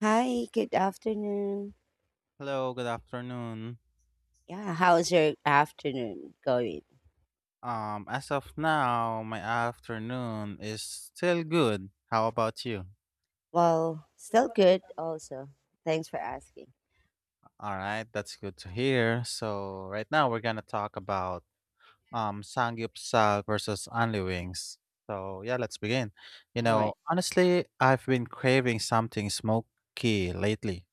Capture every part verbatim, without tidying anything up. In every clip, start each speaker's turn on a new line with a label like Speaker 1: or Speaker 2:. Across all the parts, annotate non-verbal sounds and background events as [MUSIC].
Speaker 1: Hi, good afternoon.
Speaker 2: Hello, good afternoon.
Speaker 1: Yeah, how's your afternoon going?
Speaker 2: Um, as of now, my afternoon is still good. How about you?
Speaker 1: Well, still good also. Thanks for asking.
Speaker 2: All right, that's good to hear. So right now we're gonna talk about um Samgyeopsal versus only wings. So yeah, let's begin. You
Speaker 1: All
Speaker 2: know,
Speaker 1: right.
Speaker 2: honestly, I've been craving something smoky lately,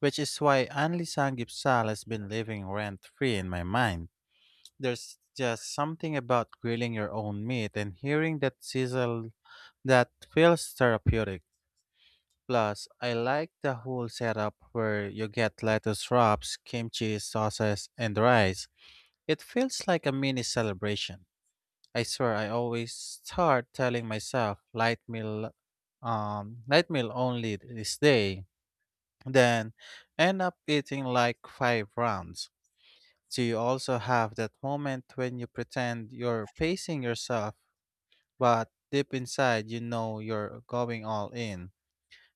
Speaker 2: which is why only Samgyeopsal has been living rent free in my mind. There's just something about grilling your own meat and hearing that sizzle. That feels therapeutic. Plus, I like the whole setup where you get lettuce wraps, kimchi, sauces, and rice. It feels like a mini celebration. I swear I always start telling myself light meal, um light meal only this day, then end up eating like five rounds. Do you also have that moment when you pretend you're pacing yourself, but deep inside you know you're going all in?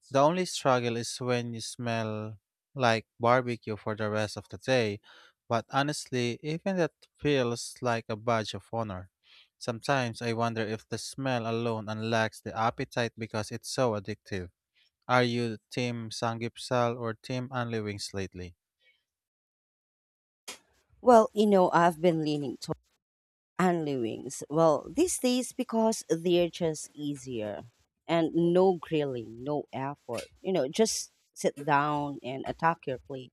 Speaker 2: The only struggle is when you smell like barbecue for the rest of the day, but honestly, even that feels like a badge of honor. Sometimes I wonder if the smell alone unlocks the appetite because it's so addictive. Are you Team Sangipsal or Team Only Wings lately?
Speaker 1: Well, you know, I've been leaning to only wings. Well, these days because they're just easier and no grilling, no effort. You know, just sit down and attack your plate.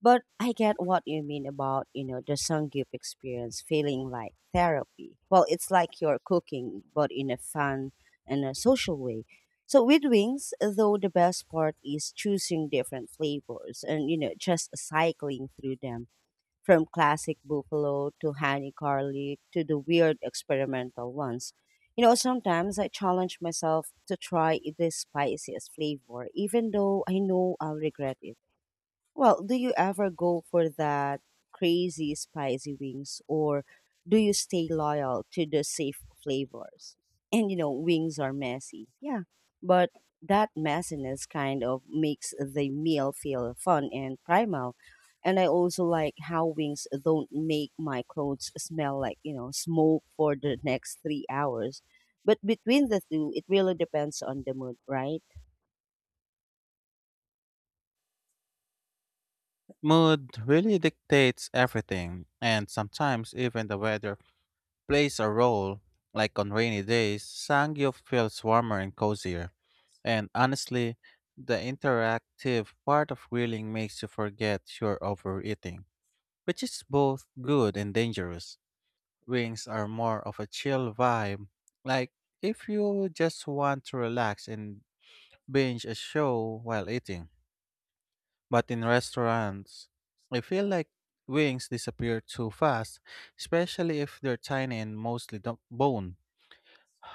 Speaker 1: But I get what you mean about, you know, the Sanggyup experience feeling like therapy. Well, it's like you're cooking, but in a fun and a social way. So with wings, though, the best part is choosing different flavors and, you know, just cycling through them from classic buffalo to honey garlic to the weird experimental ones. You know, sometimes I challenge myself to try the spiciest flavor, even though I know I'll regret it. Well, do you ever go for that crazy spicy wings or do you stay loyal to the safe flavors? And you know, wings are messy. Yeah. But that messiness kind of makes the meal feel fun and primal. And I also like how wings don't make my clothes smell like, you know, smoke for the next three hours. But between the two, it really depends on the mood, right?
Speaker 2: Mood really dictates everything, and sometimes even the weather plays a role. Like on rainy days, Sangyo feels warmer and cozier. And honestly, the interactive part of grilling makes you forget you're overeating, which is both good and dangerous. Wings are more of a chill vibe, like if you just want to relax and binge a show while eating. But in restaurants, I feel like wings disappear too fast, especially if they're tiny and mostly do- bone.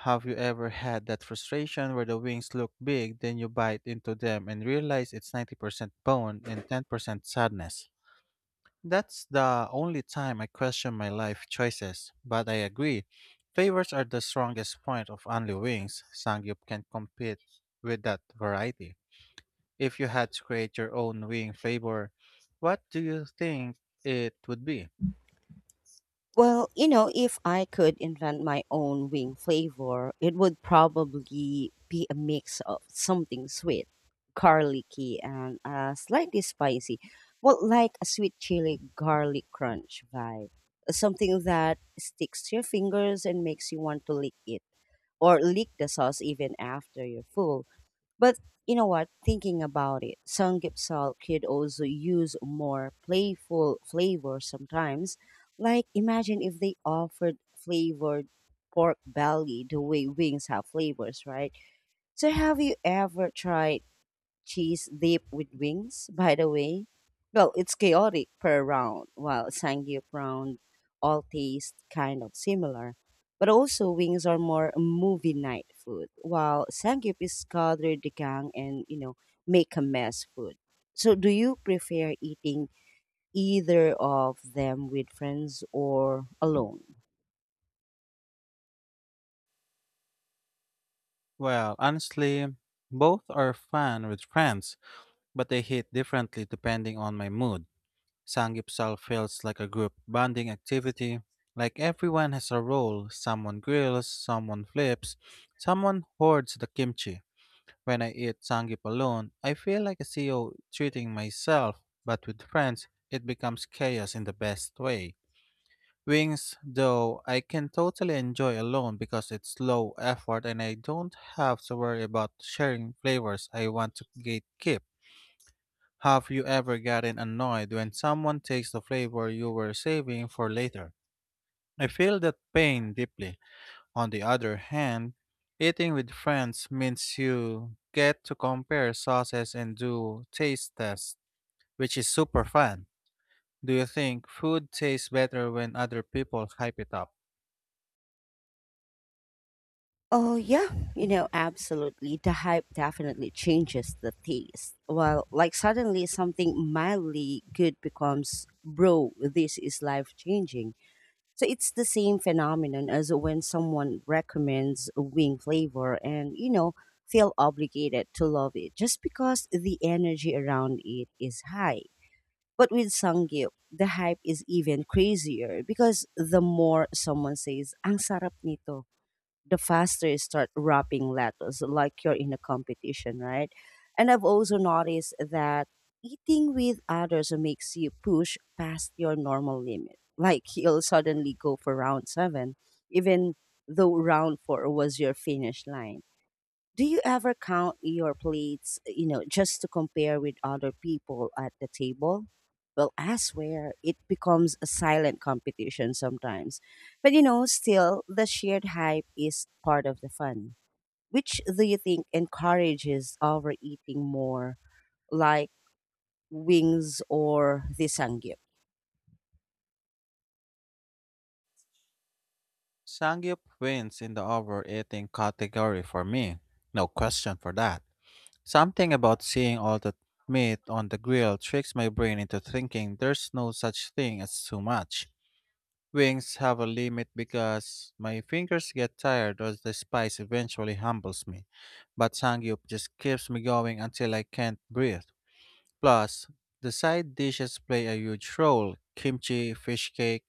Speaker 2: Have you ever had that frustration where the wings look big, then you bite into them and realize it's ninety percent bone and ten percent sadness? That's the only time I question my life choices, but I agree. Flavors are the strongest point of only wings. Sangyup can compete with that variety. If you had to create your own wing flavor, what do you think it would be?
Speaker 1: Well, you know, if I could invent my own wing flavor, it would probably be a mix of something sweet, garlicky, and uh, slightly spicy. Well, like a sweet chili garlic crunch vibe. Something that sticks to your fingers and makes you want to lick it or lick the sauce even after you're full. But you know what? Thinking about it, Samgyeopsal could also use more playful flavor sometimes. Like imagine if they offered flavored pork belly the way wings have flavors, right? So have you ever tried cheese dip with wings, by the way? Well, it's chaotic per round, while Sangyup round all taste kind of similar. But also wings are more movie night food, while Sangyup is gather the gang and, you know, make a mess food. So do you prefer eating either of them with friends or alone?
Speaker 2: Well, honestly, both are fun with friends, but they hit differently depending on my mood. Sangipsal feels like a group bonding activity, like everyone has a role. Someone grills, someone flips, someone hoards the kimchi. When I eat sangip alone, I feel like a C E O treating myself, but with friends, it becomes chaos in the best way. Wings, though, I can totally enjoy alone because it's low effort and I don't have to worry about sharing flavors I want to gatekeep. Have you ever gotten annoyed when someone takes the flavor you were saving for later? I feel that pain deeply. On the other hand, eating with friends means you get to compare sauces and do taste tests, which is super fun. Do you think food tastes better when other people hype it up?
Speaker 1: Oh, yeah, you know, absolutely. The hype definitely changes the taste. Well, like suddenly something mildly good becomes, bro, this is life changing. So it's the same phenomenon as when someone recommends a wing flavor and, you know, feel obligated to love it just because the energy around it is high. But with Sangyup, the hype is even crazier because the more someone says, ang sarap nito, the faster you start wrapping lettuce, like you're in a competition, right? And I've also noticed that eating with others makes you push past your normal limit. Like you'll suddenly go for round seven, even though round four was your finish line. Do you ever count your plates, you know, just to compare with other people at the table? Well, I swear it becomes a silent competition sometimes. But you know, still, the shared hype is part of the fun. Which do you think encourages overeating more, like wings or the sangyup?
Speaker 2: Sangyup wins in the overeating category for me. No question for that. Something about seeing all that meat on the grill tricks my brain into thinking there's no such thing as too much. Wings have a limit because my fingers get tired or the spice eventually humbles me. But Sangyup just keeps me going until I can't breathe. Plus, the side dishes play a huge role. Kimchi, fish cake,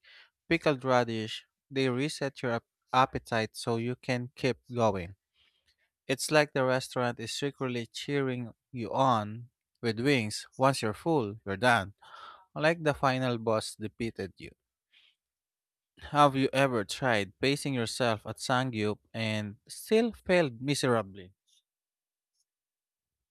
Speaker 2: pickled radish, they reset your ap- appetite so you can keep going. It's like the restaurant is secretly cheering you on. With wings, once you're full, you're done. Unlike the final boss defeated you. Have you ever tried pacing yourself at Sangyup and still failed miserably?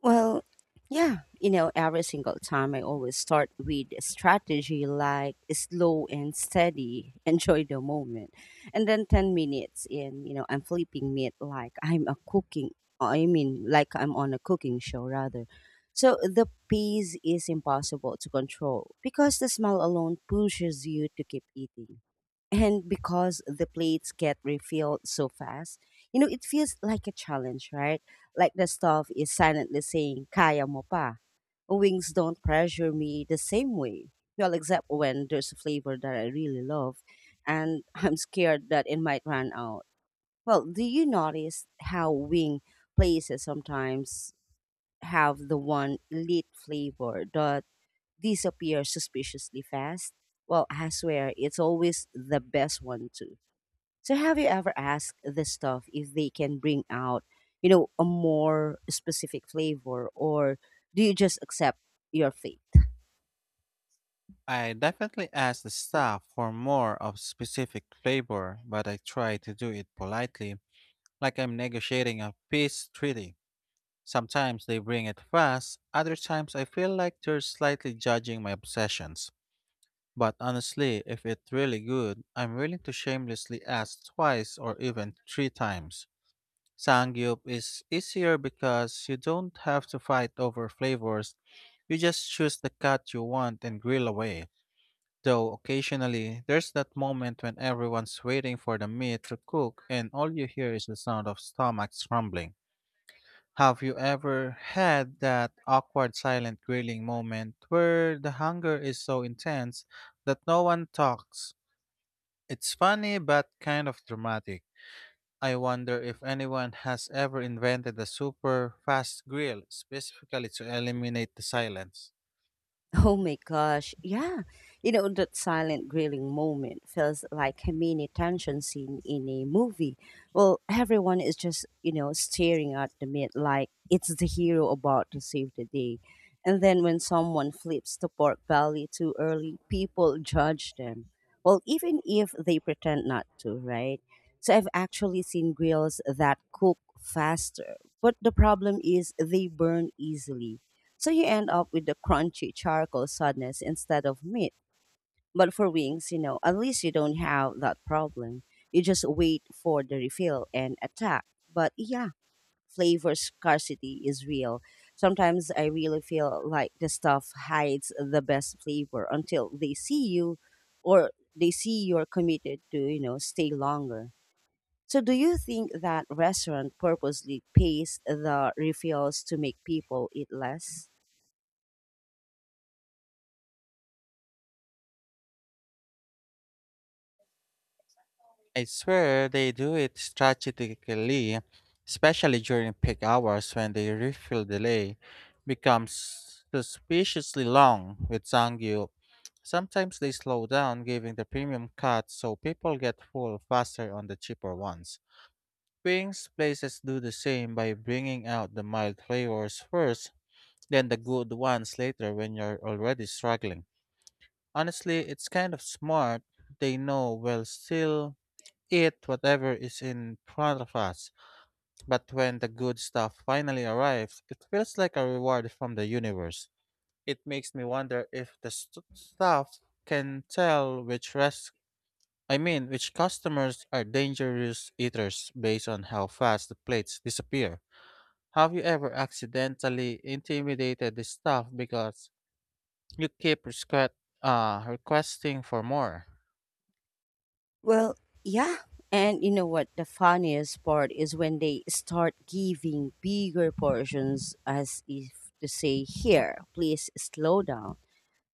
Speaker 1: Well, yeah, you know, every single time I always start with a strategy like slow and steady, [LAUGHS] enjoy the moment. And then ten minutes in, you know, I'm flipping meat like I'm a cooking, I mean, like I'm on a cooking show rather. So the pace is impossible to control because the smell alone pushes you to keep eating. And because the plates get refilled so fast, you know, it feels like a challenge, right? Like the stuff is silently saying, Kaya mo pa. Wings don't pressure me the same way. Well, except when there's a flavor that I really love, and [LAUGHS] I'm scared that it might run out. Well, do you notice how wing places sometimes have the one elite flavor that disappears suspiciously fast? Well, I swear it's always the best one too. So have you ever asked the staff if they can bring out, you know, a more specific flavor, or do you just accept your fate?
Speaker 2: I definitely asked the staff for more of specific flavor, but I try to do it politely, like I'm negotiating a peace treaty. Sometimes they bring it fast, other times I feel like they're slightly judging my obsessions. But honestly, if it's really good, I'm willing to shamelessly ask twice or even three times. Sangyup is easier because you don't have to fight over flavors. You just choose the cut you want and grill away. Though occasionally, there's that moment when everyone's waiting for the meat to cook and all you hear is the sound of stomachs rumbling. Have you ever had that awkward silent grilling moment where the hunger is so intense that no one talks? It's funny but kind of dramatic. I wonder if anyone has ever invented a super fast grill specifically to eliminate the silence.
Speaker 1: Oh my gosh. Yeah. You know, that silent grilling moment feels like a mini tension scene in a movie. Well, everyone is just, you know, staring at the meat like it's the hero about to save the day. And then when someone flips the pork belly too early, people judge them. Well, even if they pretend not to, right? So I've actually seen grills that cook faster. But the problem is they burn easily, so you end up with the crunchy charcoal sadness instead of meat. But for wings, you know, at least you don't have that problem. You just wait for the refill and attack. But yeah, flavor scarcity is real. Sometimes I really feel like the stuff hides the best flavor until they see you or they see you're committed to, you know, stay longer. So do you think that restaurant purposely pays the refills to make people eat less?
Speaker 2: I swear they do it strategically, especially during peak hours when the refill delay becomes suspiciously long with Zangyup. Sometimes they slow down, giving the premium cuts so people get full faster on the cheaper ones. Wings places do the same by bringing out the mild flavors first, then the good ones later when you're already struggling. Honestly, it's kind of smart. They know we'll still eat whatever is in front of us, but when the good stuff finally arrives, it feels like a reward from the universe. It makes me wonder if the st- staff can tell which rest I mean, which customers are dangerous eaters based on how fast the plates disappear. Have you ever accidentally intimidated the staff because you keep resque- uh, requesting for more?
Speaker 1: Well, yeah. And you know what? The funniest part is when they start giving bigger portions as if to say, here, please slow down.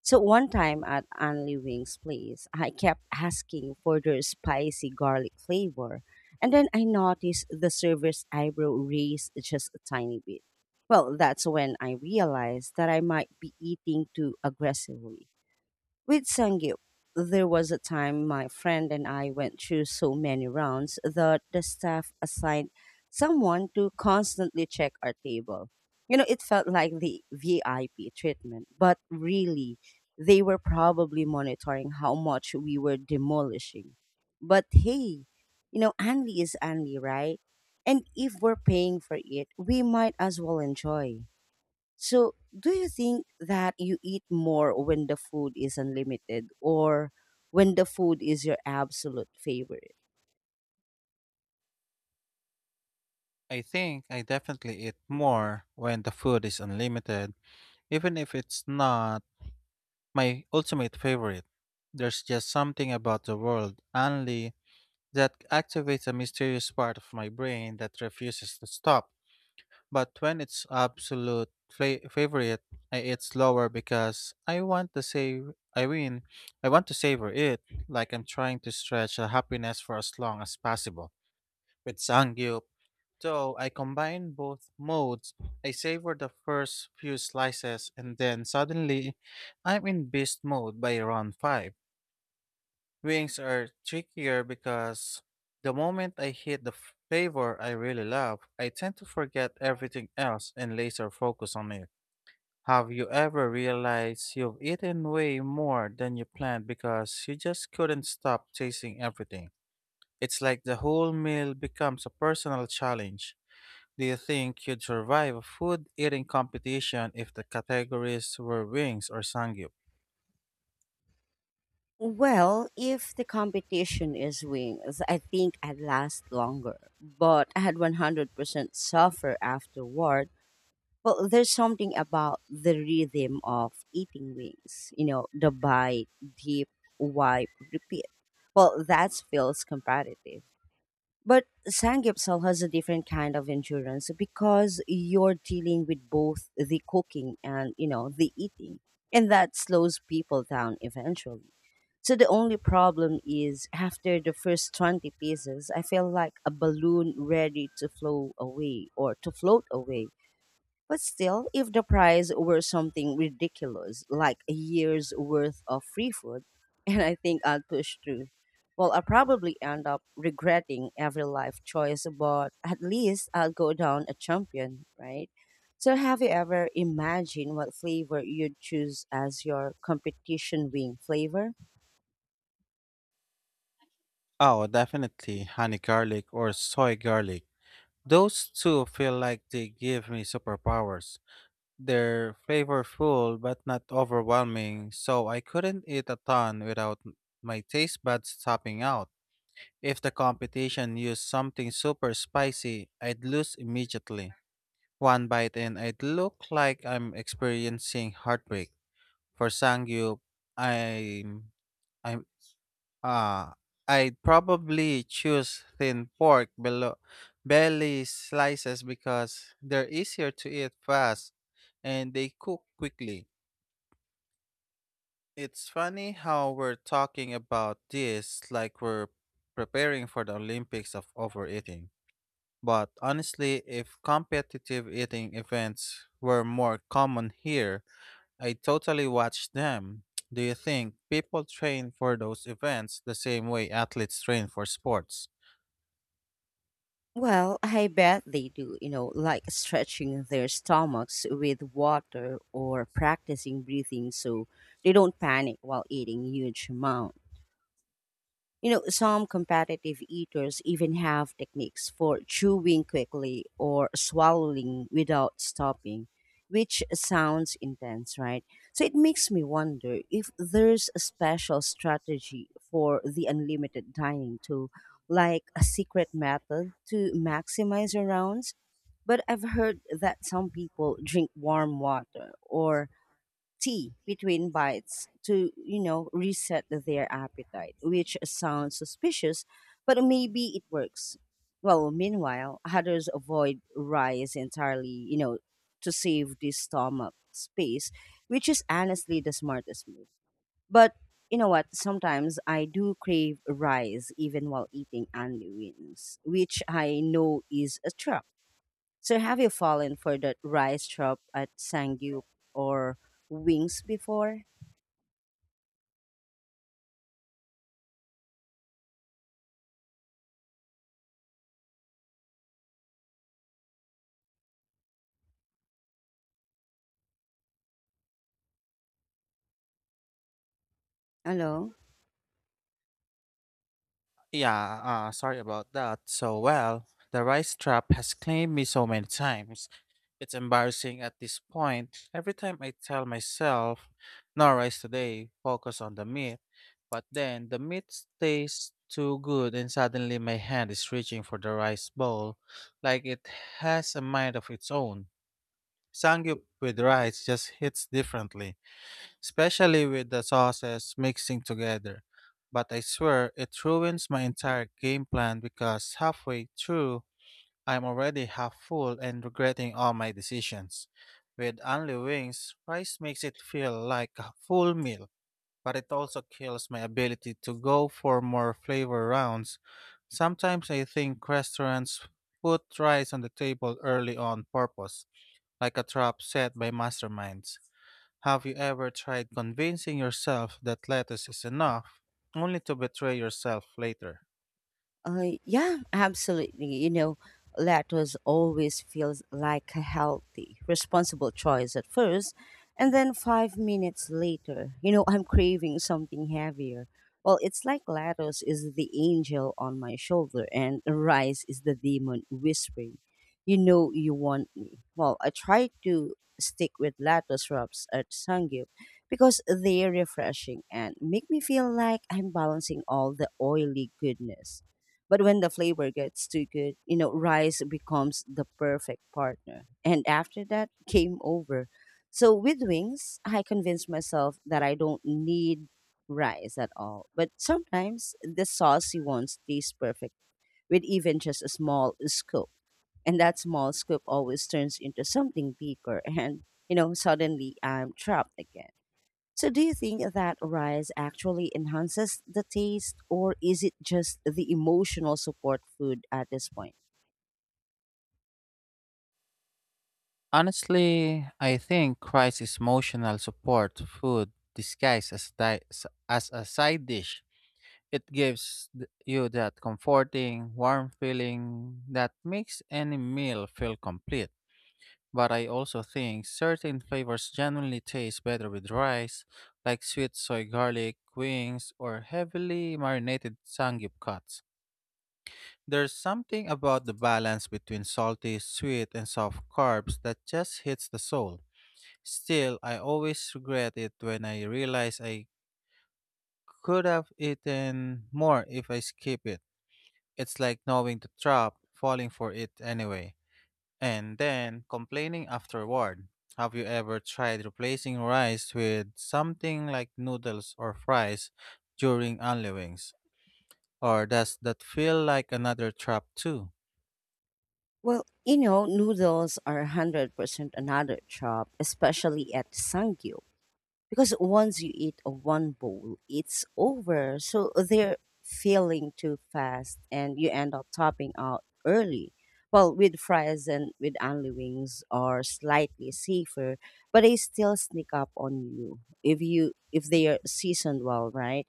Speaker 1: So one time at Anli Wings Place, I kept asking for their spicy garlic flavor. And then I noticed the server's eyebrow raised just a tiny bit. Well, that's when I realized that I might be eating too aggressively. With Sangyup, there was a time my friend and I went through so many rounds that the staff assigned someone to constantly check our table. You know, it felt like the V I P treatment, but really, they were probably monitoring how much we were demolishing. But hey, you know, Anli is Anli, right? And if we're paying for it, we might as well enjoy. So, do you think that you eat more when the food is unlimited or when the food is your absolute favorite?
Speaker 2: I think I definitely eat more when the food is unlimited, even if it's not my ultimate favorite. There's just something about the world, only that activates a mysterious part of my brain that refuses to stop. But when it's absolute fla- favorite, I eat slower because I want to save. I mean, I want to savor it, like I'm trying to stretch the happiness for as long as possible. With Sangyup, though, I combine both modes. I savor the first few slices, and then suddenly, I'm in beast mode by round five. Wings are trickier because the moment I hit the f- flavor I really love, I tend to forget everything else and laser focus on it. Have you ever realized you've eaten way more than you planned because you just couldn't stop chasing everything? It's like the whole meal becomes a personal challenge. Do you think you'd survive a food eating competition if the categories were wings or sangyup?
Speaker 1: Well, if the competition is wings, I think I'd last longer. But I had one hundred percent suffer afterward. Well, there's something about the rhythm of eating wings, you know, the bite, dip, wipe, repeat. Well, that feels competitive. But Samgyeopsal has a different kind of endurance because you're dealing with both the cooking and, you know, the eating. And that slows people down eventually. So the only problem is after the first twenty pieces, I feel like a balloon ready to flow away or to float away. But still, if the prize were something ridiculous, like a year's worth of free food, [LAUGHS] and I think I'd push through, well, I'll probably end up regretting every life choice, but at least I'll go down a champion, right? So, have you ever imagined what flavor you'd choose as your competition wing flavor?
Speaker 2: Oh, definitely honey garlic or soy garlic. Those two feel like they give me superpowers. They're flavorful but not overwhelming, so I couldn't eat a ton without my taste buds topping out. If the competition used something super spicy, I'd lose immediately. One bite and I'd look like I'm experiencing heartbreak. For Sangyu, I'm I'm Ah, I'd probably choose thin pork below belly slices because they're easier to eat fast and they cook quickly. It's funny how we're talking about this like we're preparing for the Olympics of overeating. But honestly, if competitive eating events were more common here, I totally watch them. Do you think people train for those events the same way athletes train for sports?
Speaker 1: Well, I bet they do, you know, like stretching their stomachs with water or practicing breathing so they don't panic while eating huge amounts. You know, some competitive eaters even have techniques for chewing quickly or swallowing without stopping, which sounds intense, right? So it makes me wonder if there's a special strategy for the unlimited dining too, like a secret method to maximize your rounds. But I've heard that some people drink warm water or tea between bites to, you know, reset their appetite, which sounds suspicious, but maybe it works. Well, meanwhile, others avoid rice entirely, you know, to save the stomach space, which is honestly the smartest move. But you know what? Sometimes I do crave rice even while eating onion wings, which I know is a trap. So have you fallen for that rice chop at Sangyup or wings before? Hello?
Speaker 2: Yeah, uh, sorry about that. So, well, the rice trap has claimed me so many times. It's embarrassing at this point. Every time I tell myself, no rice today, focus on the meat. But then the meat tastes too good, and suddenly my hand is reaching for the rice bowl like it has a mind of its own. Sangyup with rice just hits differently, especially with the sauces mixing together. But I swear it ruins my entire game plan because halfway through, I'm already half full and regretting all my decisions. With only wings, rice makes it feel like a full meal, but it also kills my ability to go for more flavor rounds. Sometimes I think restaurants put rice on the table early on purpose, like a trap set by masterminds. Have you ever tried convincing yourself that lettuce is enough, only to betray yourself later?
Speaker 1: Uh, yeah, absolutely. You know, lettuce always feels like a healthy, responsible choice at first, and then five minutes later, you know, I'm craving something heavier. Well, it's like lettuce is the angel on my shoulder, and rice is the demon whispering, "You know you want me." Well, I try to stick with lettuce wraps at Sangyup because they're refreshing and make me feel like I'm balancing all the oily goodness. But when the flavor gets too good, you know, rice becomes the perfect partner. And after that, game over. So with wings, I convinced myself that I don't need rice at all. But sometimes the saucy ones taste perfect with even just a small scoop. And that small scoop always turns into something bigger. [LAUGHS] And, you know, suddenly I'm trapped again. So, do you think that rice actually enhances the taste, or is it just the emotional support food at this point?
Speaker 2: Honestly, I think crisis emotional support food disguised as, di- s- as a side dish. It gives th- you that comforting, warm feeling that makes any meal feel complete. But I also think certain flavors genuinely taste better with rice, like sweet soy garlic wings or heavily marinated sangip cuts. There's something about the balance between salty, sweet, and soft carbs that just hits the soul. Still, I always regret it when I realize I could have eaten more if I skip it. It's like knowing the trap, falling for it anyway, and then complaining afterward. Have you ever tried replacing rice with something like noodles or fries during unlivings? Or does that feel like another trap too?
Speaker 1: Well, you know, noodles are one hundred percent another chop, especially at Sangyu. Because once you eat a one bowl it's over, so they're failing too fast and you end up topping out early. Well with fries and with only wings are slightly safer, but they still sneak up on you if you if they are seasoned well, right?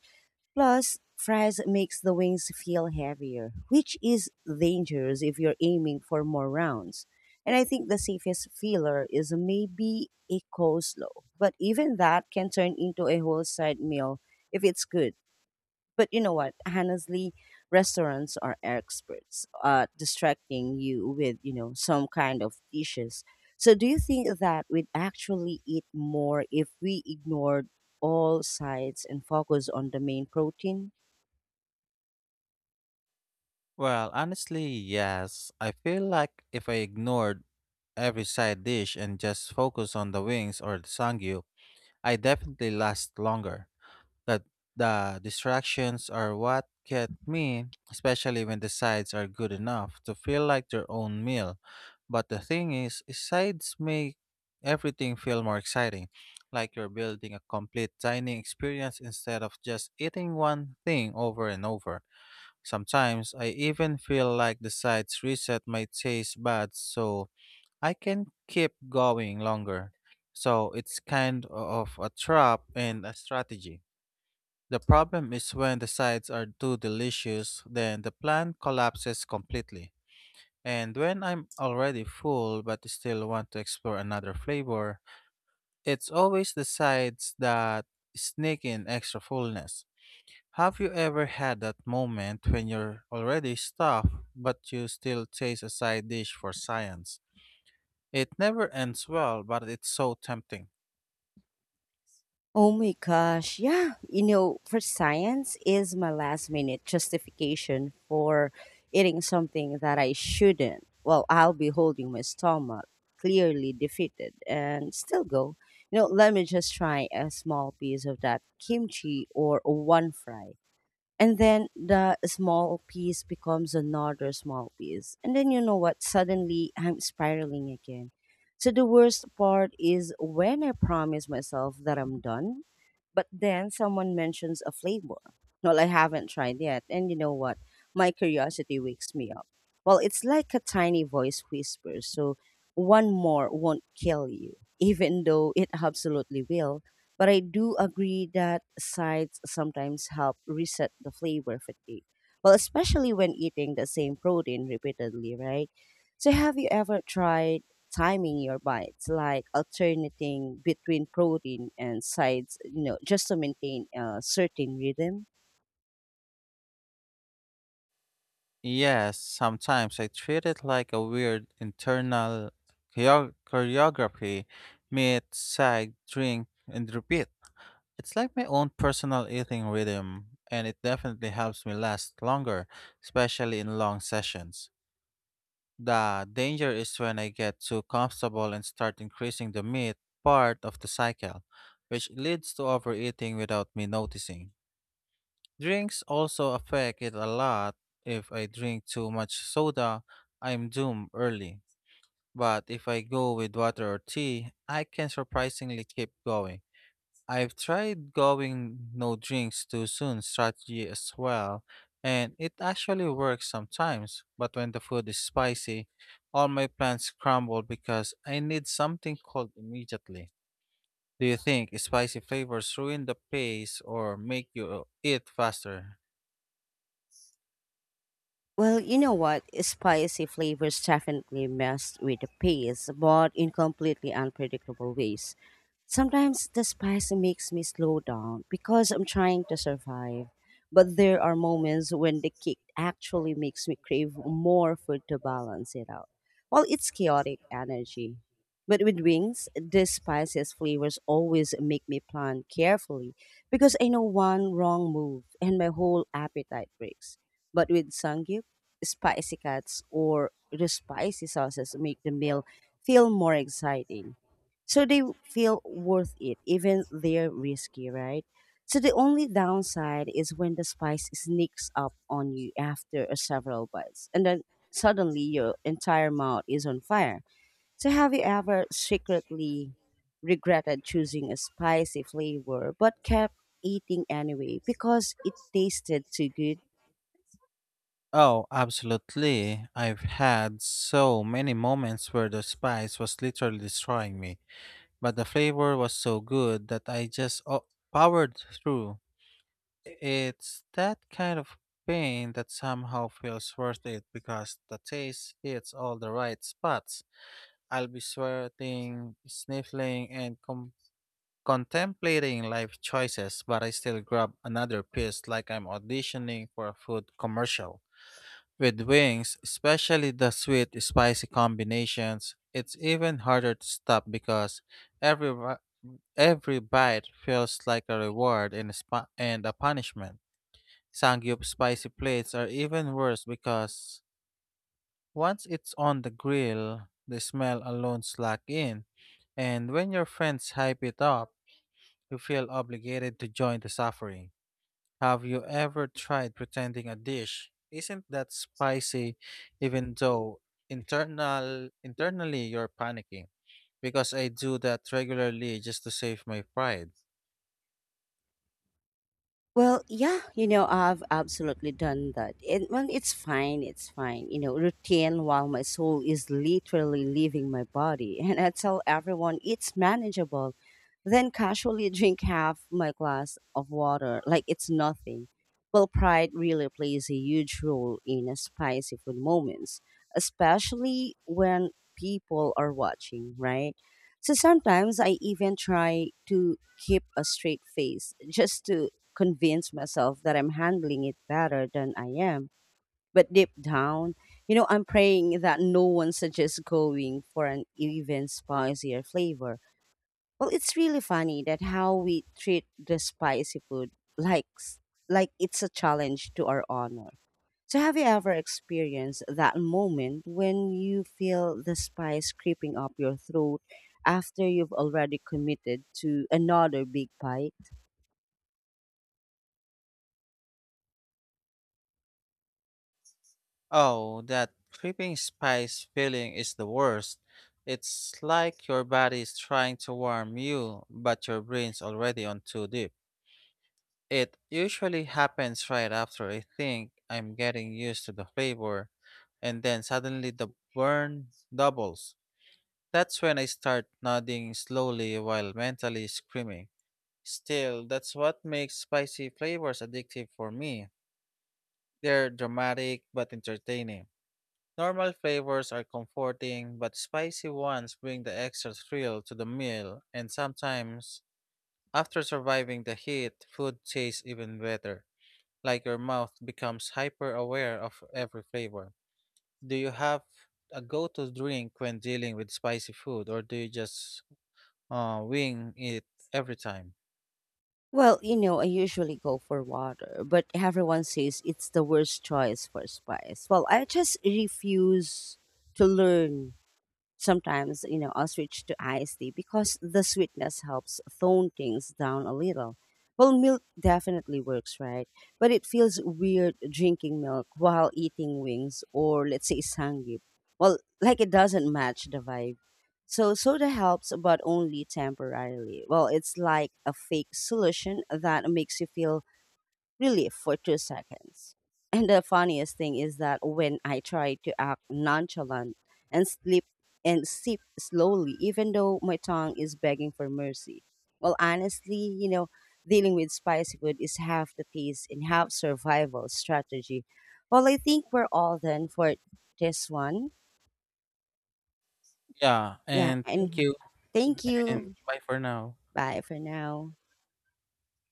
Speaker 1: Plus, fries makes the wings feel heavier, which is dangerous if you're aiming for more rounds. And I think the safest filler is maybe a coleslaw, but even that can turn into a whole side meal if it's good. But you know what? Honestly, restaurants are experts at distracting you with, you know, some kind of dishes. So do you think that we'd actually eat more if we ignored all sides and focus on the main protein?
Speaker 2: Well, honestly, yes. I feel like if I ignored every side dish and just focus on the wings or the sangyu, I definitely last longer. But the distractions are what get me, especially when the sides are good enough to feel like their own meal. But the thing is, sides make everything feel more exciting, like you're building a complete dining experience instead of just eating one thing over and over. Sometimes I even feel like the sides reset my taste buds so I can keep going longer. So it's kind of a trap and a strategy. The problem is when the sides are too delicious, then the plan collapses completely. And when I'm already full but still want to explore another flavor, it's always the sides that sneak in extra fullness. Have you ever had that moment when you're already stuffed, but you still chase a side dish for science? It never ends well, but it's so tempting.
Speaker 1: Oh my gosh. Yeah. You know, for science is my last minute justification for eating something that I shouldn't. Well, I'll be holding my stomach clearly defeated and still go. You know, let me just try a small piece of that kimchi or one fry. And then the small piece becomes another small piece. And then, you know what, suddenly I'm spiraling again. So the worst part is when I promise myself that I'm done, but then someone mentions a flavor well I haven't tried yet. And you know what, my curiosity wakes me up. Well, it's like a tiny voice whispers, so one more won't kill you. [LAUGHS] Even though it absolutely will, but I do agree that sides sometimes help reset the flavor fatigue. Well, especially when eating the same protein repeatedly, right? So, have you ever tried timing your bites, like alternating between protein and sides, you know, just to maintain a certain rhythm?
Speaker 2: Yes, sometimes I treat it like a weird internal choreo- choreography, meet, side, drink, and repeat. It's like my own personal eating rhythm, and it definitely helps me last longer, especially in long sessions. The danger is when I get too comfortable and start increasing the meat part of the cycle, which leads to overeating without me noticing. Drinks also affect it a lot. If I drink too much soda, I'm doomed early. But if I go with water or tea, I can surprisingly keep going. I've tried going no drinks too soon strategy as well, and it actually works sometimes. But when the food is spicy, all my plans crumble because I need something cold immediately. Do you think spicy flavors ruin the pace or make you eat faster?
Speaker 1: Well, you know what? Spicy flavors definitely mess with the pace, but in completely unpredictable ways. Sometimes the spice makes me slow down because I'm trying to survive. But there are moments when the kick actually makes me crave more food to balance it out. Well, it's chaotic energy. But with wings, the spiciest flavors always make me plan carefully because I know one wrong move and my whole appetite breaks. But with sangyup, spicy cuts or the spicy sauces make the meal feel more exciting. So they feel worth it, even they're risky, right? So the only downside is when the spice sneaks up on you after a several bites, and then suddenly your entire mouth is on fire. So have you ever secretly regretted choosing a spicy flavor but kept eating anyway because it tasted too good?
Speaker 2: Oh, absolutely. I've had so many moments where the spice was literally destroying me, but the flavor was so good that I just oh, powered through. It's that kind of pain that somehow feels worth it because the taste hits all the right spots. I'll be sweating, sniffling, and com- contemplating life choices, but I still grab another piece like I'm auditioning for a food commercial. With wings, especially the sweet spicy combinations, it's even harder to stop because every, ri- every bite feels like a reward and a, spa- and a punishment. Sangyup spicy plates are even worse because once it's on the grill, the smell alone slack in, and when your friends hype it up, you feel obligated to join the suffering. Have you ever tried pretending a dish isn't that spicy even though internal internally you're panicking? Because I do that regularly just to save my pride.
Speaker 1: Well, yeah, you know, I've absolutely done that. And well, it's fine, it's fine. You know, routine while my soul is literally leaving my body. [LAUGHS] And I tell everyone it's manageable. Then casually drink half my glass of water like it's nothing. Well, pride really plays a huge role in a spicy food moments, especially when people are watching, right? So sometimes I even try to keep a straight face just to convince myself that I'm handling it better than I am. But deep down, you know, I'm praying that no one suggests going for an even spicier flavor. Well, it's really funny that how we treat the spicy food like s- like it's a challenge to our honor. So have you ever experienced that moment when you feel the spice creeping up your throat after you've already committed to another big bite?
Speaker 2: Oh, that creeping spice feeling is the worst. It's like your body is trying to warm you, but your brain's already on too deep. It usually happens right after I think I'm getting used to the flavor, and then suddenly the burn doubles. That's when I start nodding slowly while mentally screaming. Still, that's what makes spicy flavors addictive for me. They're dramatic but entertaining. Normal flavors are comforting, but spicy ones bring the extra thrill to the meal, and sometimes, after surviving the heat, food tastes even better, like your mouth becomes hyper aware of every flavor. Do you have a go to drink when dealing with spicy food, or do you just uh, wing it every time?
Speaker 1: Well, you know, I usually go for water, but everyone says it's the worst choice for spice. Well, I just refuse to learn. Sometimes, you know, I'll switch to iced tea because the sweetness helps tone things down a little. Well, milk definitely works, right? But it feels weird drinking milk while eating wings or, let's say, sangyup. Well, [LAUGHS] like it doesn't match the vibe. So, soda helps, but only temporarily. Well, it's like a fake solution that makes you feel relief for two seconds. And the funniest thing is that when I try to act nonchalant and sleep and sip slowly, even though my tongue is begging for mercy. Well, honestly, you know, dealing with spicy food is half the taste and half survival strategy. Well, I think we're all done for this one.
Speaker 2: Yeah,
Speaker 1: Yeah,
Speaker 2: and thank
Speaker 1: and
Speaker 2: you,
Speaker 1: thank
Speaker 2: and
Speaker 1: you.
Speaker 2: bye for now.
Speaker 1: Bye for now.